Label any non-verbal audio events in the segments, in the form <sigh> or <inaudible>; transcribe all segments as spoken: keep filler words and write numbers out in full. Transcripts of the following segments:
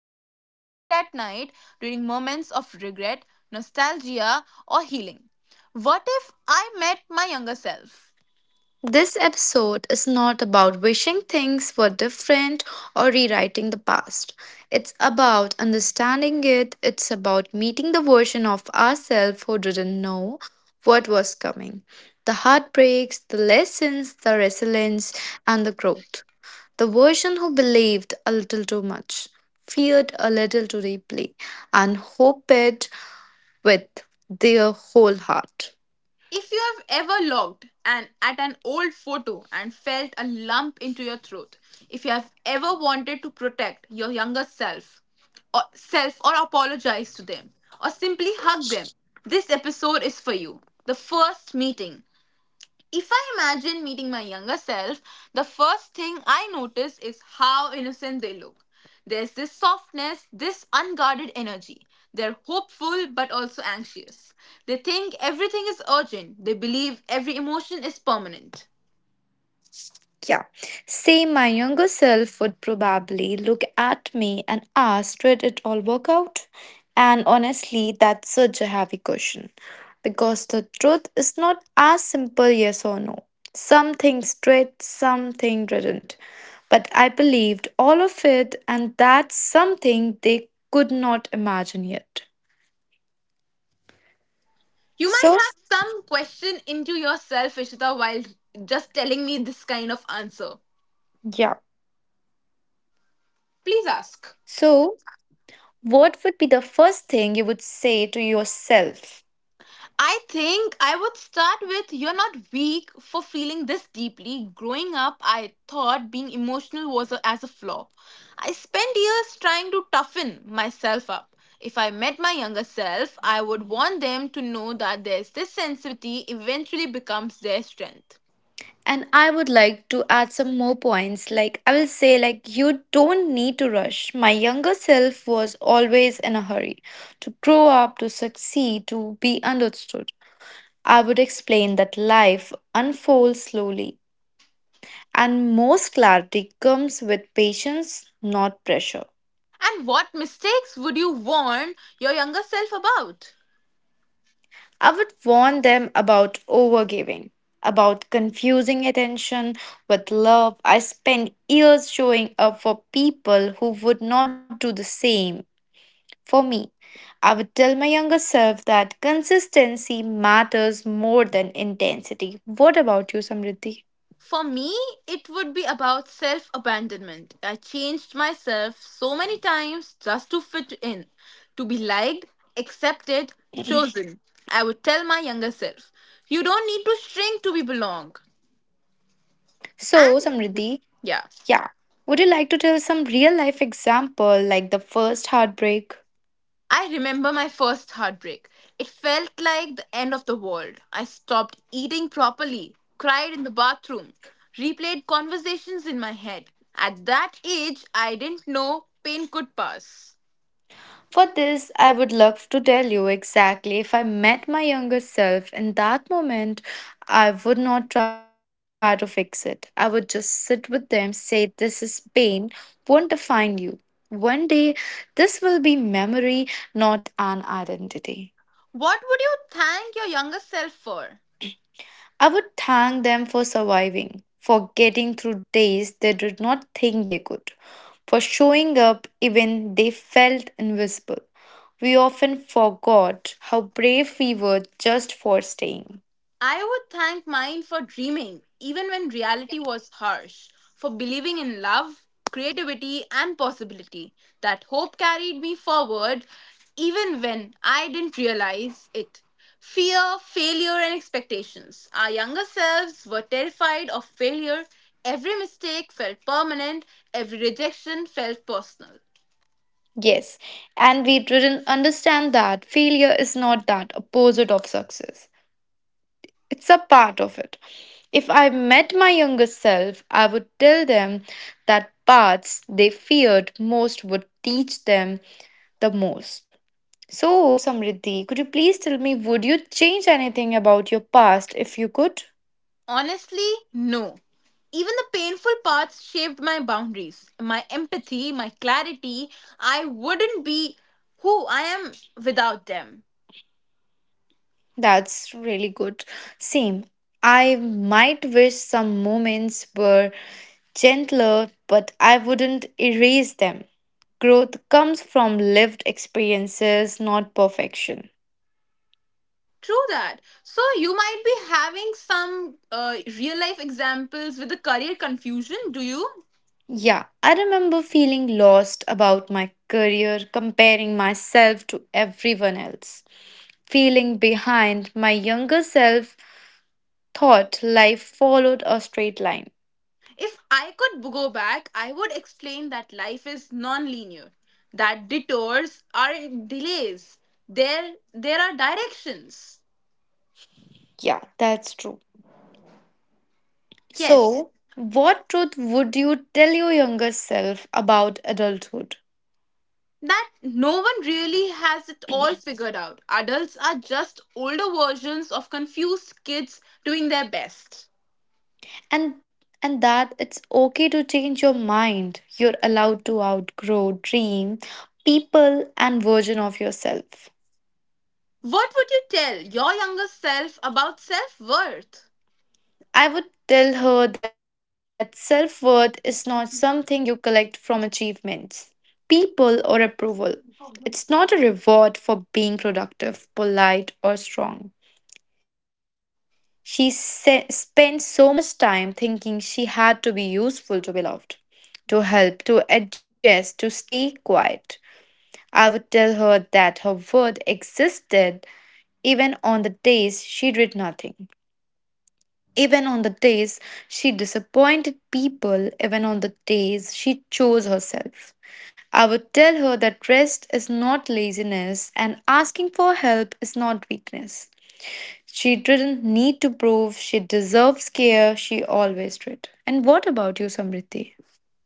that about late at night during moments of regret, nostalgia, or healing. What if I met my younger self? This episode is not about wishing things were different or rewriting the past. It's about understanding it, it's about meeting the version of ourselves who didn't know what was coming. The heartbreaks, the lessons, the resilience, and the growth. The version who believed a little too much, feared a little too deeply, and hoped with their whole heart. If you have ever looked an, at an old photo and felt a lump into your throat, if you have ever wanted to protect your younger self or self or apologize to them or simply hug them, this episode is for you. The first meeting. If I imagine meeting my younger self, the first thing I notice is how innocent they look. There's this softness, this unguarded energy. They're hopeful but also anxious. They think everything is urgent, they believe every emotion is permanent. Yeah. Say my younger self would probably look at me and ask, did it all work out? And honestly, that's such a heavy question because the truth is not as simple yes or no. Some things did, some things didn't. But I believed all of it, and that's something they could not imagine yet. You might So, have some question into yourself, Ishita, while just telling me this kind of answer. yeah. Please ask. So, what would be the first thing you would say to yourself? I think I would start with you're not weak for feeling this deeply. Growing up, I thought being emotional was a, as a flaw. I spent years trying to toughen myself up. If I met my younger self, I would want them to know that there's this sensitivity eventually becomes their strength. And I would like to add some more points. Like, I will say, like, you don't need to rush. My younger self was always in a hurry to grow up, to succeed, to be understood. I would explain that life unfolds slowly, and most clarity comes with patience, not pressure. And what mistakes would you warn your younger self about? I would warn them about overgiving, about confusing attention with love. I spent years showing up for people who would not do the same. For me, I would tell my younger self that consistency matters more than intensity. What about you, Samriddhi? For me, it would be about self abandonment. I changed myself so many times just to fit in, to be liked, accepted, chosen. I would tell my younger self, you don't need to shrink to be belong. So, And Samriddhi, yeah, yeah, would you like to tell some real life example like the first heartbreak? I remember my first heartbreak. It felt like the end of the world. I stopped eating properly, cried in the bathroom, replayed conversations in my head. At that age, I didn't know pain could pass. For this, I would love to tell you exactly. If I met my younger self in that moment, I would not try to fix it. I would just sit with them, say, this is pain, won't define you. One day, this will be memory, not an identity. What would you thank your younger self for? I would thank them for surviving, for getting through days they did not think they could, for showing up even they felt invisible. We often forgot how brave we were just for staying. I would thank mine for dreaming, even when reality was harsh, for believing in love, creativity, and possibility. That hope carried me forward even when I didn't realize it. Fear, failure, and expectations. Our younger selves were terrified of failure. Every mistake felt permanent, every rejection felt personal. Yes, and we didn't understand that failure is not that opposite of success. It's a part of it. If I met my younger self, I would tell them that paths they feared most would teach them the most. So, Samriddhi, could you please tell me, would you change anything about your past if you could? Honestly, no. Even the painful parts shaped my boundaries, my empathy, my clarity. I wouldn't be who I am without them. That's really good. Same. I might wish some moments were gentler, but I wouldn't erase them. Growth comes from lived experiences, not perfection. True that. So, you might be having some uh, real life examples with the career confusion, do you? Yeah, I remember feeling lost about my career, comparing myself to everyone else, feeling behind. My younger self thought life followed a straight line. If I could go back, I would explain that life is non linear, that detours are delays, there, there are directions. Yeah, that's true. Yes. So, what truth would you tell your younger self about adulthood? That no one really has it all figured out. Adults are just older versions of confused kids doing their best. And and that it's okay to change your mind. You're allowed to outgrow dream, people and version of yourself. What would you tell your younger self about self worth? I would tell her that self-worth is not something you collect from achievements, people or approval. It's not a reward for being productive, polite or strong. She se- spent so much time thinking she had to be useful to be loved, to help, to adjust, to stay quiet. I would tell her that her worth existed even on the days she did nothing, even on the days she disappointed people, even on the days she chose herself. I would tell her that rest is not laziness and asking for help is not weakness. She didn't need to prove she deserves care, she always did. And what about you, Samriti?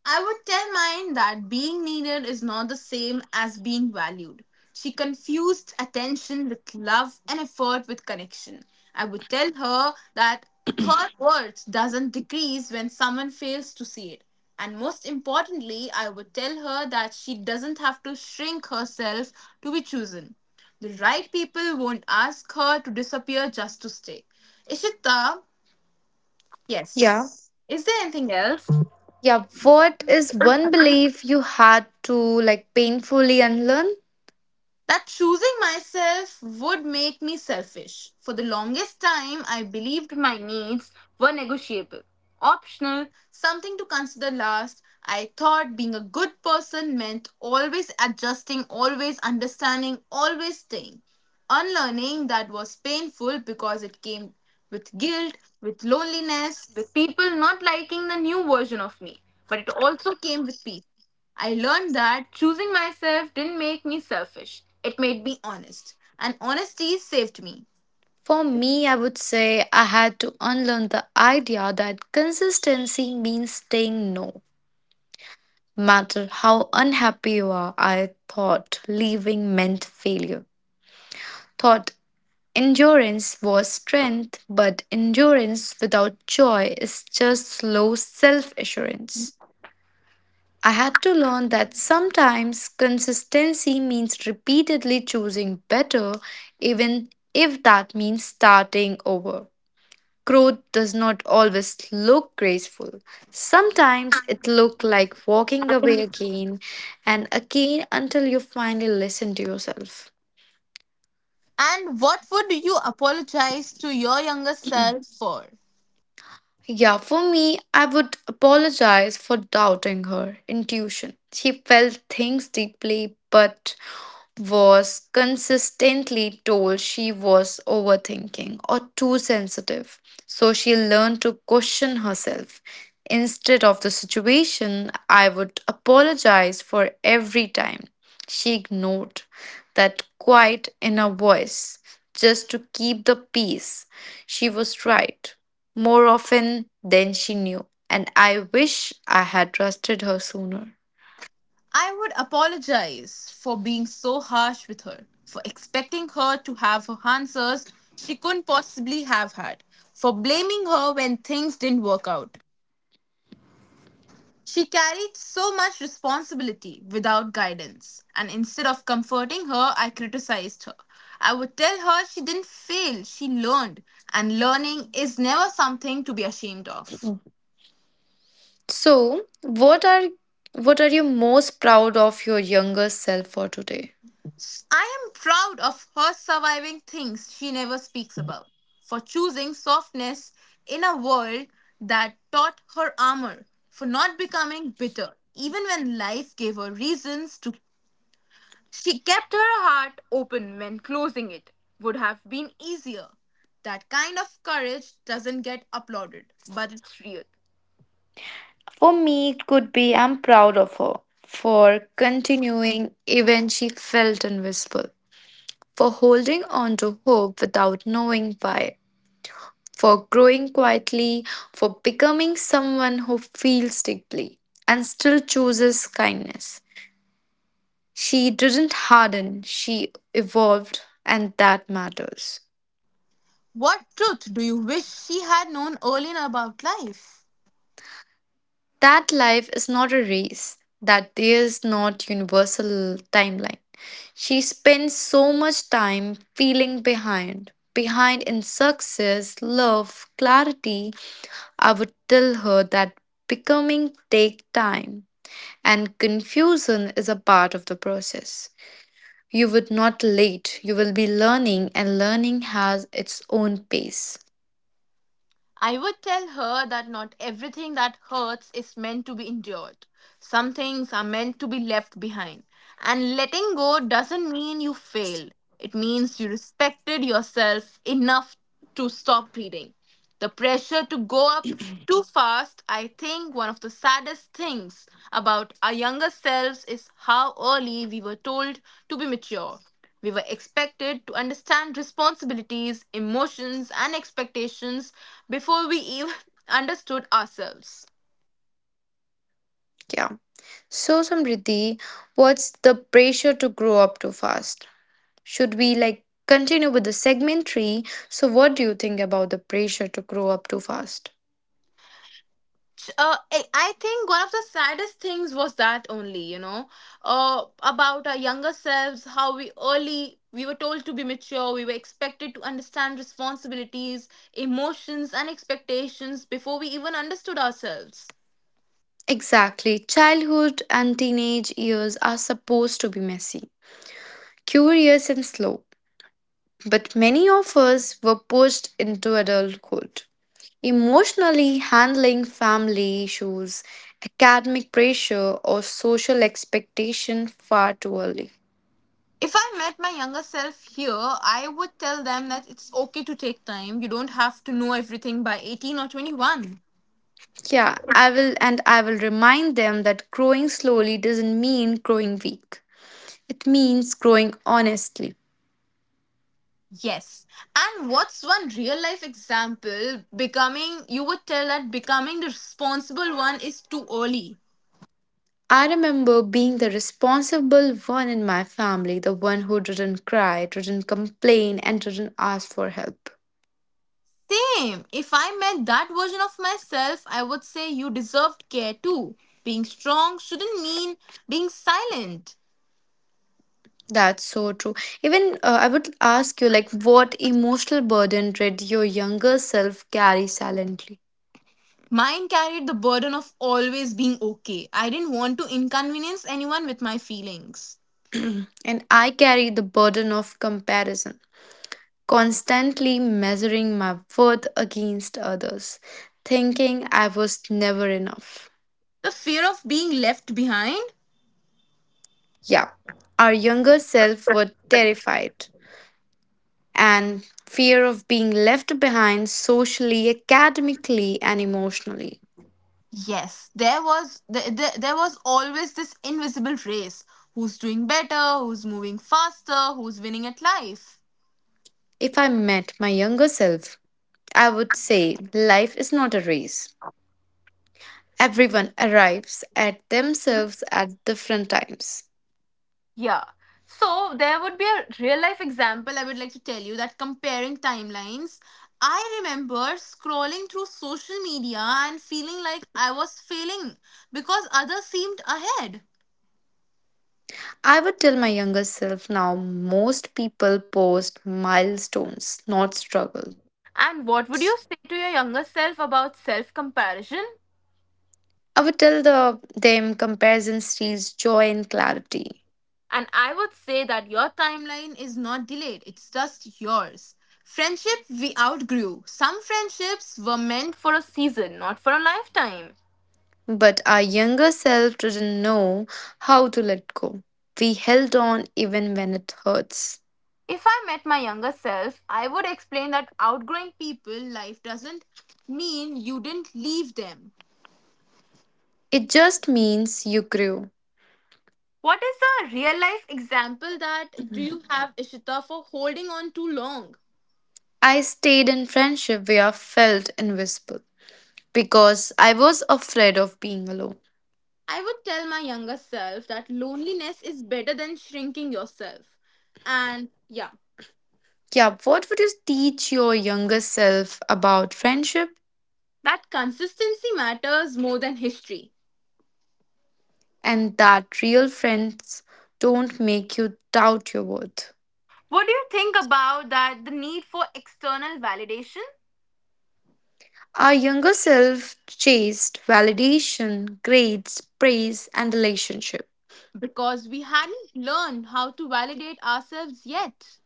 I would tell mine that being needed is not the same as being valued. She confused attention with love and effort with connection. I would tell her that her worth doesn't decrease when someone fails to see it. And most importantly, I would tell her that she doesn't have to shrink herself to be chosen. The right people won't ask her to disappear just to stay. Ishita, yes. Yeah. Is there anything else? Yeah, what is one belief you had to like painfully unlearn? That choosing myself would make me selfish. For the longest time, I believed my needs were negotiable, optional, something to consider last. I thought being a good person meant always adjusting, always understanding, always staying. Unlearning that was painful because it came with guilt, with loneliness, with people not liking the new version of me. But it also came with peace. I learned that choosing myself didn't make me selfish, it made me honest. And honesty saved me. For me, I would say I had to unlearn the idea that consistency means saying no. Matter how unhappy you are, I thought leaving meant failure. Thought endurance was strength, but endurance without joy is just slow self assurance. I had to learn that sometimes consistency means repeatedly choosing better, even if that means starting over. Growth does not always look graceful. Sometimes it looks like walking away again and again until you finally listen to yourself. And what would you apologize to your younger self for? Yeah, for me, I would apologize for doubting her intuition. She felt things deeply, but was consistently told she was overthinking or too sensitive. So she learned to question herself. Instead of the situation, I would apologize for every time. She ignored that quiet inner voice just to keep the peace. She was right, more often than she knew, and I wish I had trusted her sooner. I would apologize for being so harsh with her, for expecting her to have her answers she couldn't possibly have had, for blaming her when things didn't work out. She carried so much responsibility without guidance, and instead of comforting her, I criticized her. I would tell her she didn't fail, she learned, and learning is never something to be ashamed of. So, what are what are you most proud of your younger self for today? I am proud of her surviving things she never speaks about, for choosing softness in a world that taught her armor, for not becoming bitter, even when life gave her reasons to. She kept her heart open when closing it would have been easier. That kind of courage doesn't get applauded, but it's real. For me, it could be I'm proud of her for continuing even she felt invisible, for holding on to hope without knowing why, for growing quietly, for becoming someone who feels deeply and still chooses kindness. She didn't harden, she evolved, and that matters. What truth do you wish she had known earlier about life? That life is not a race, that there is not universal timeline. She spends so much time feeling behind, behind in success, love, clarity. I would tell her that becoming take time and confusion is a part of the process. You would not late, you will be learning and learning has its own pace. I would tell her that not everything that hurts is meant to be endured. Some things are meant to be left behind. And letting go doesn't mean you failed, it means you respected yourself enough to stop breathing. The pressure to go up too fast, I think one of the saddest things about our younger selves is how early we were told to be mature. We were expected to understand responsibilities, emotions, and expectations before we even <laughs> understood ourselves. Yeah. So Samriddhi, what's the pressure to grow up too fast? Should we like continue with the segment three? So, what do you think about the pressure to grow up too fast? Uh, I I think one of the saddest things was that only, you know, uh, about our younger selves, how we early we were told to be mature, we were expected to understand responsibilities, emotions, and expectations before we even understood ourselves. Exactly. Childhood and teenage years are supposed to be messy, curious, and slow. But many of us were pushed into adulthood emotionally handling family issues, academic pressure, or social expectation far too early. If I met my younger self here, I would tell them that it's okay to take time. You don't have to know everything by eighteen or twenty-one. Yeah, I will, and I will remind them that growing slowly doesn't mean growing weak. It means growing honestly. Yes. And what's one real life example? Becoming, you would tell that becoming the responsible one is too early. I remember being the responsible one in my family, the one who didn't cry, didn't complain, and didn't ask for help. Same. If I met that version of myself, I would say you deserved care too. Being strong shouldn't mean being silent. That's so true. Even uh, I would ask you, like, what emotional burden did your younger self carry silently? Mine carried the burden of always being okay. I didn't want to inconvenience anyone with my feelings. And I carried the burden of comparison, constantly measuring my worth against others, thinking I was never enough. The fear of being left behind? Yeah, our younger self were terrified, and fear of being left behind socially, academically, and emotionally. Yes, there was there, there, there was always this invisible race. Who's doing better, who's moving faster, who's winning at life. If I met my younger self, I would say life is not a race. Everyone arrives at themselves at different times. Yeah. So there would be a real life example. Well, I would like to tell you that comparing timelines, I remember scrolling through social media and feeling like I was failing because others seemed ahead. I would tell my younger self now most people post milestones, not struggles. And what would you say to your younger self about self comparison? I would tell the them comparison steals joy and clarity. And I would say that your timeline is not delayed, it's just yours. Friendship we outgrew. Some friendships were meant for a season, not for a lifetime. But our younger self didn't know how to let go. We held on even when it hurts. If I met my younger self, I would explain that outgrowing people life doesn't mean you didn't leave them. It just means you grew. What is the real life example that do you have, Ishita, for holding on too long? I stayed in friendship where I felt invisible because I was afraid of being alone. I would tell my younger self that loneliness is better than shrinking yourself. And yeah, Yeah, what would you teach your younger self about friendship that consistency matters more than history. and that real friends don't make you doubt your worth? What do you think about that the need for external validation? Our younger self chased validation, grades, praise, and relationship. Because we hadn't learned how to validate ourselves yet.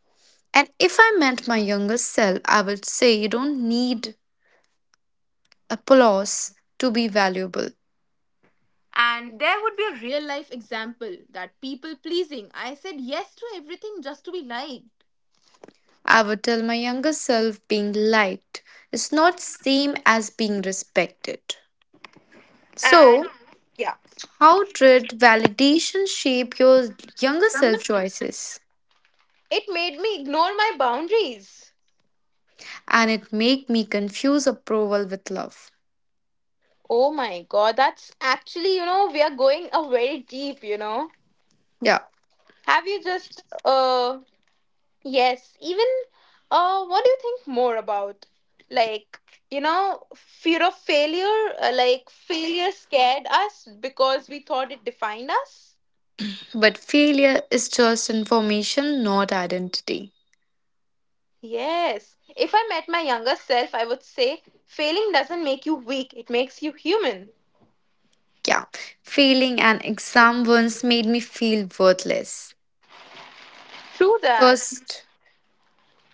And if I meant my younger self, I would say you don't need applause to be valuable. And there would be a real life example that people pleasing. I said yes to everything just to be liked. I would tell my younger self being liked is not same as being respected. And So, yeah, how did validation shape your younger self choices? it made me ignore my boundaries. And it make me confuse approval with love. Oh my god, that's actually, you know, we are going a very deep, you know. Yeah, Have you just uh Yes, even uh, what do you think more about? Like, you know, fear of failure, uh, like failure scared us because we thought it defined us. but failure is just information, not identity. Yes, if I met my younger self, I would say failing doesn't make you weak, it makes you human. Yeah, failing an exam once made me feel worthless. True that. First,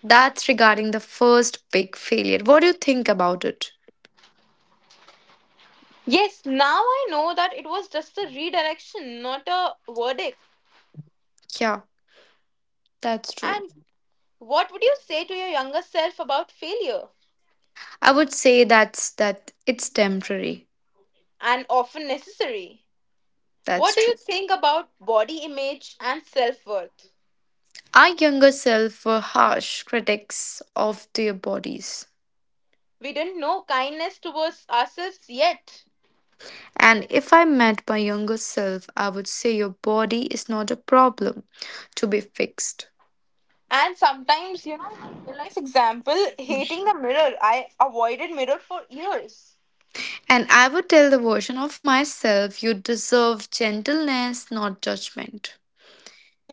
that's regarding the first big failure. What do you think about it? Yes, now I know that it was just a redirection, not a verdict. Yeah, that's true. And what would you say to your younger self about failure? I would say that's that it's temporary. And often necessary. What That's do you true. think about body image and self worth? Our younger self were harsh critics of their bodies. We didn't know kindness towards ourselves yet. And if I met my younger self, I would say your body is not a problem to be fixed. And sometimes, you know, real life example, hating the mirror. I avoided mirror for years. And I would tell the version of myself you deserve gentleness, not judgment.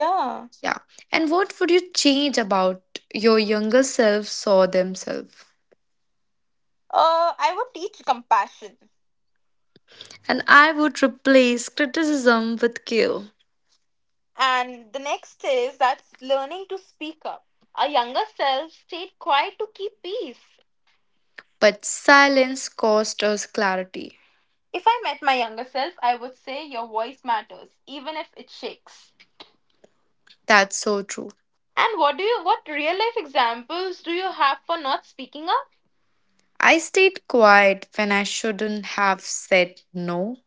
Yeah. Yeah. And what would you change about your younger self saw themselves? Uh, I would teach compassion. And I would replace criticism with care. And the next is that's learning to speak up. Our younger self stayed quiet to keep peace. But silence cost us clarity. If I met my younger self, I would say your voice matters, even if it shakes. That's so true. And what do you what real life examples do you have for not speaking up? I stayed quiet when I shouldn't have said no.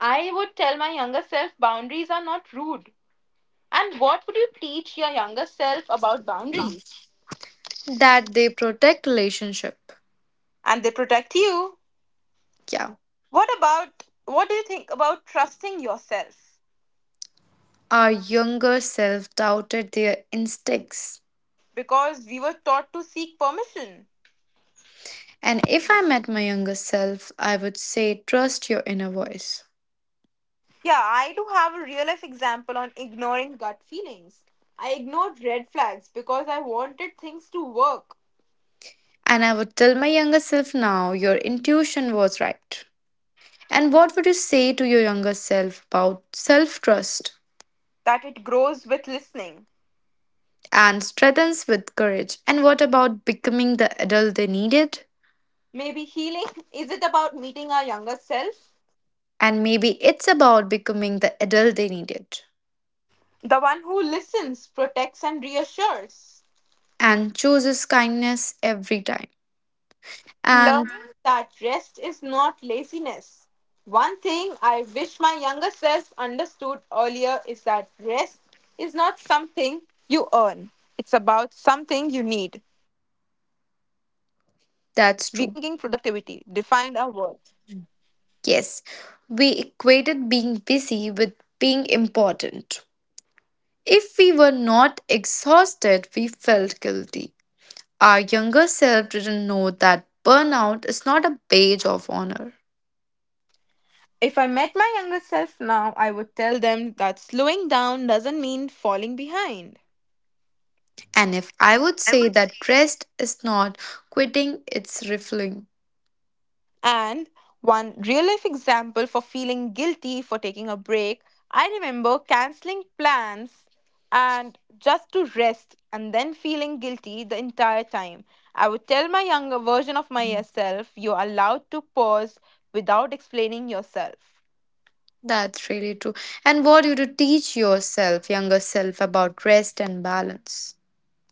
I would tell my younger self boundaries are not rude. And what would you teach your younger self about boundaries? That they protect relationship. And they protect you. Yeah. What about what do you think about trusting yourself? Our younger self doubted their instincts. Because we were taught to seek permission. And if I met my younger self, I would say trust your inner voice. Yeah, I do have a real life example on ignoring gut feelings. I ignored red flags because I wanted things to work. And I would tell my younger self now, your intuition was right. And what would you say to your younger self about self trust That it grows with listening. and strengthens with courage? And what about becoming the adult they needed? Maybe healing <laughs> is it about meeting our younger self? And maybe it's about becoming the adult they needed The one who listens, protects, and reassures. and chooses kindness every time. And Learning that rest is not laziness. One thing I wish my younger self understood earlier is that rest is not something you earn, it's about something you need. We grew up thinking productivity that's defined true. our worth. Yes, we equated being busy with being important. If we were not exhausted, we felt guilty. Our younger self didn't know that burnout is not a badge of honor. If I met my younger self now, I would tell them that slowing down doesn't mean falling behind. And if I would I say would say. that rest is not quitting, it's refueling. And one real life example for feeling guilty for taking a break, I remember canceling plans and just to rest and then feeling guilty the entire time. I would tell my younger version of myself, you're allowed to pause without explaining yourself. That's really true. And what you to teach yourself, younger self, about rest and balance.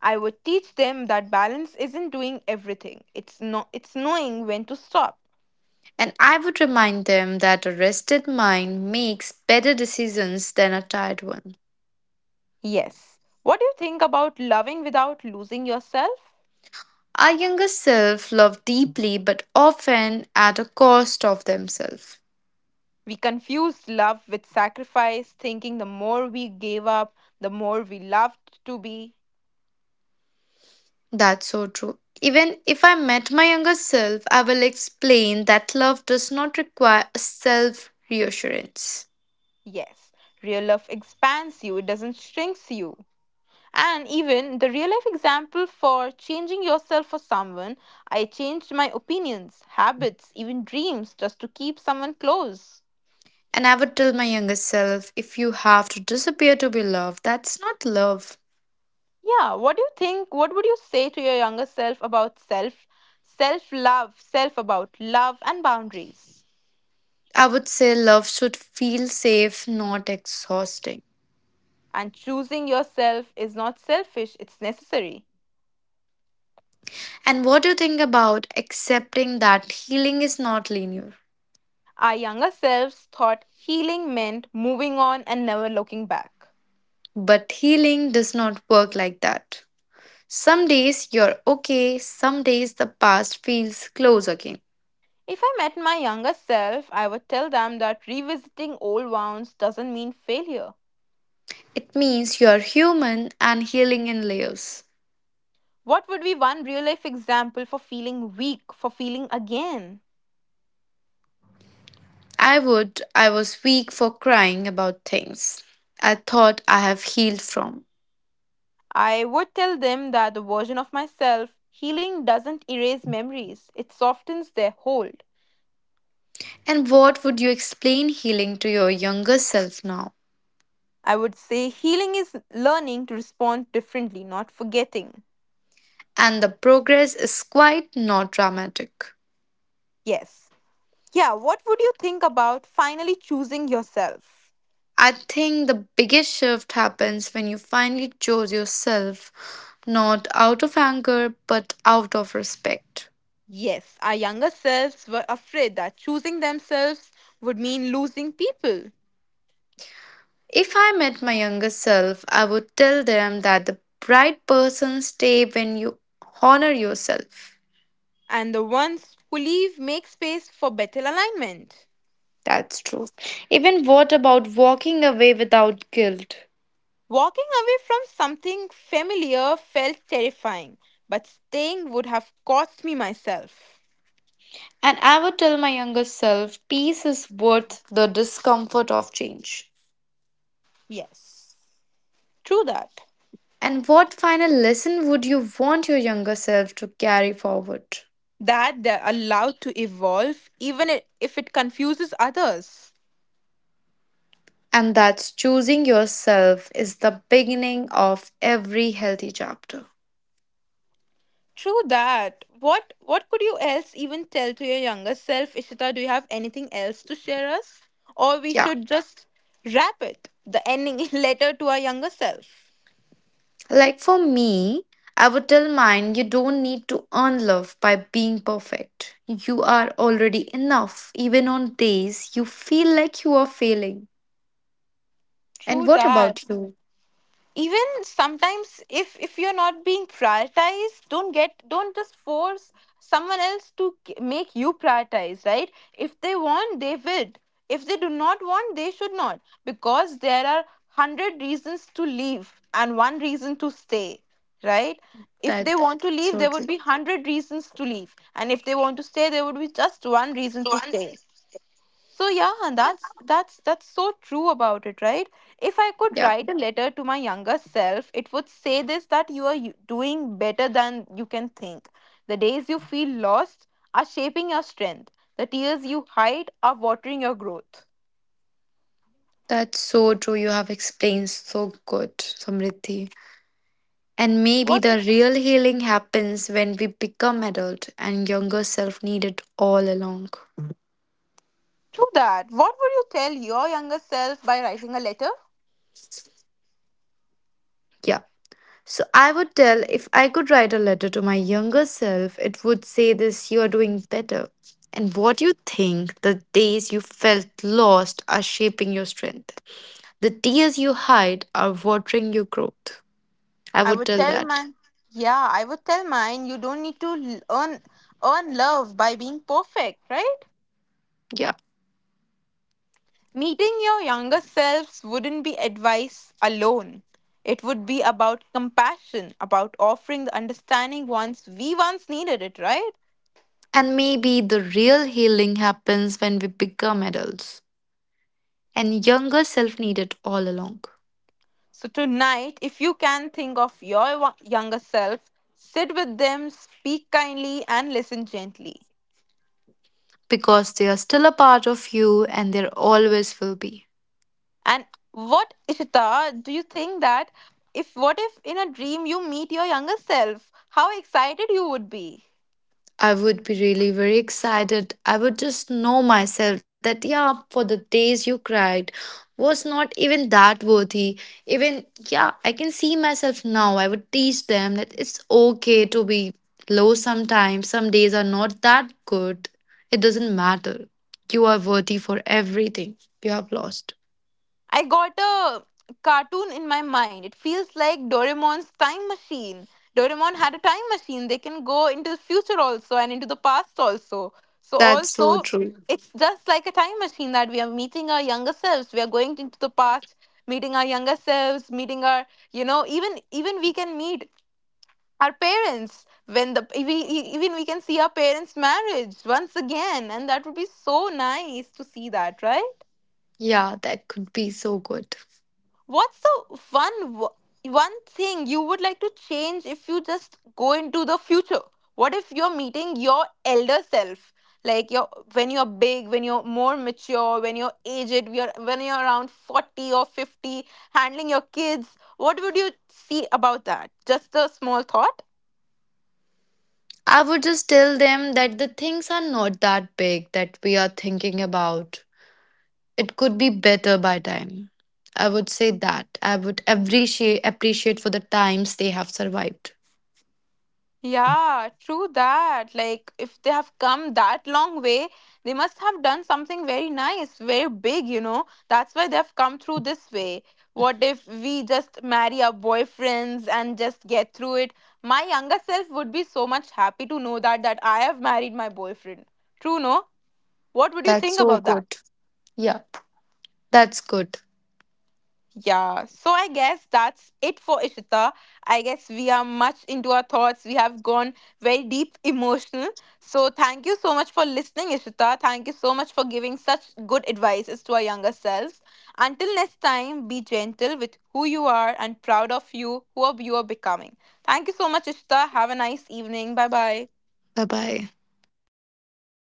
I would teach them that balance isn't doing everything. It's no it's knowing when to stop. And I would remind them that a rested mind makes better decisions than a tired one. Yes. What do you think about loving without losing yourself? Our younger self love deeply but often at a cost of themselves. We confused love with sacrifice, thinking the more we gave up, the more we loved to be. That's so true. Even if I met my younger self, I will explain that love does not require a self reassurance. Yes, real love expands you, it doesn't shrinks you. And even the real life example for changing yourself for someone, I changed my opinions, habits, even dreams just to keep someone close. And I would tell my younger self, if you have to disappear to be loved, that's not love. Yeah, what do you think? What would you say to your younger self about self, self love, self about love and boundaries? I would say love should feel safe, not exhausting. And choosing yourself is not selfish, it's necessary. And what do you think about accepting that healing is not linear? Our younger selves thought healing meant moving on and never looking back. But healing does not work like that. Some days you're okay, some days the past feels close again. If I met my younger self, I would tell them that revisiting old wounds doesn't mean failure. It means you're human and healing in layers. What would be one real life example for feeling weak, for feeling again? I would, I was weak for crying about things I thought I have healed from. I would tell them that the version of myself, healing doesn't erase memories, it softens their hold. And what would you explain healing to your younger self now? I would say healing is learning to respond differently, not forgetting. And the progress is quite not dramatic. Yes. Yeah, what would you think about finally choosing yourself? I think the biggest shift happens when you finally chose yourself, not out of anger, but out of respect. Yes, our younger selves were afraid that choosing themselves would mean losing people. If I met my younger self, I would tell them that the bright person stay when you honor yourself. And the ones who leave make space for better alignment. That's true. Even what about walking away without guilt? Walking away from something familiar felt terrifying, but staying would have cost me myself. And I would tell my younger self, peace is worth the discomfort of change. Yes, true that. And what final lesson would you want your younger self to carry forward? That they're allowed to evolve even i- if it confuses others. And that's choosing yourself is the beginning of every healthy chapter. True that. What what could you else even tell to your younger self, Ishita? Do you have anything else to share us? Or we Yeah. should just wrap it, the ending <laughs> letter to our younger self. Like for me, I would tell mine you don't need to earn love by being perfect. You are already enough, even on days you feel like you are failing. And True what that. about you? Even sometimes if if you're not being prioritized, don't get don't just force someone else to k- make you prioritize, right? If they want, they will. If they do not want, they should not, because there are a hundred reasons to leave and one reason to stay, right? If That's they so want to true. leave, there would be a hundred reasons to leave, and if they want to stay, there would be just one reason to stay. So yeah, and that's that's that's so true about it, right? If I could Yeah, write a letter to my younger self, it would say this, that you are u- doing better than you can think. The days you feel lost are shaping your strength. The tears you hide are watering your growth. that's so true. You have explained so good, Samriddhi. And maybe What the real healing happens when we become adult and younger self needed all along. to that? What would you tell your younger self by writing a letter? Yeah. So I would tell if I could write a letter to my younger self, it would say this you are doing better. And what you think the days you felt lost are shaping your strength. The tears you hide are watering your growth. I I would would tell tell that. my Yeah, I would tell mine, you don't need to l- earn earn love by being perfect, right? Yeah. Meeting your younger selves wouldn't be advice alone. It would be about compassion, about offering the understanding once we once needed it, right? And maybe the real healing happens when we become adults. And younger self needed all along. So tonight, if you can think of your wa- younger self, sit with them, speak kindly, and listen gently. Because they are still a part of you and there always will be. And what, Ishita, do you think that if, what if in a dream you meet your younger self, how excited you would be? I would be really very excited. I would just know myself that, yeah, for the days you cried was not even that worthy. Even, yeah, I can see myself now. I would teach them that it's okay to be low sometimes. Some days are not that good. It doesn't matter. You are worthy for everything you have lost. I got a cartoon in my mind. It feels like Doraemon's time machine. Doraemon had a time machine. They can go into future also and into the past also. So That's so also, true. mhm, it's just like a time machine that we are meeting our younger selves. We are going into the past, meeting our younger selves, meeting our, you know, even even we can meet our parents when the we, e- even we can see our parents' marriage once again, and that would be so nice to see that, right? Yeah, that could be so good. What's the one w- one thing you would like to change if you just go into the future? What if you're meeting your elder self? Like you're, when you're big, when you're more mature, when you're aged, when you're, when you're around forty or fifty, handling your kids, what would you see about that? Just a small thought. I would just tell them that the things are not that big that we are thinking about. It could be better by time. I would say that. I would appreciate appreciate for the times they have survived. Yeah, true that. Like, if they have come that long way, they must have done something very nice, very big, you know. That's why they have come through this way. What if we just marry our boyfriends and just get through it? My younger self would be so much happy to know that that I have married my boyfriend. True, no? What would you That's think so about good. that? Yeah. That's good. Yeah, so I guess that's it for Ishita. I guess we are much into our thoughts. We have gone very deep emotional. So thank you so much for listening, Ishita. Thank you so much for giving such good advices to our younger selves. Until next time, be gentle with who you are and proud of you, who you are becoming. Thank you so much, Ishita. Have a nice evening. Bye bye. Bye bye.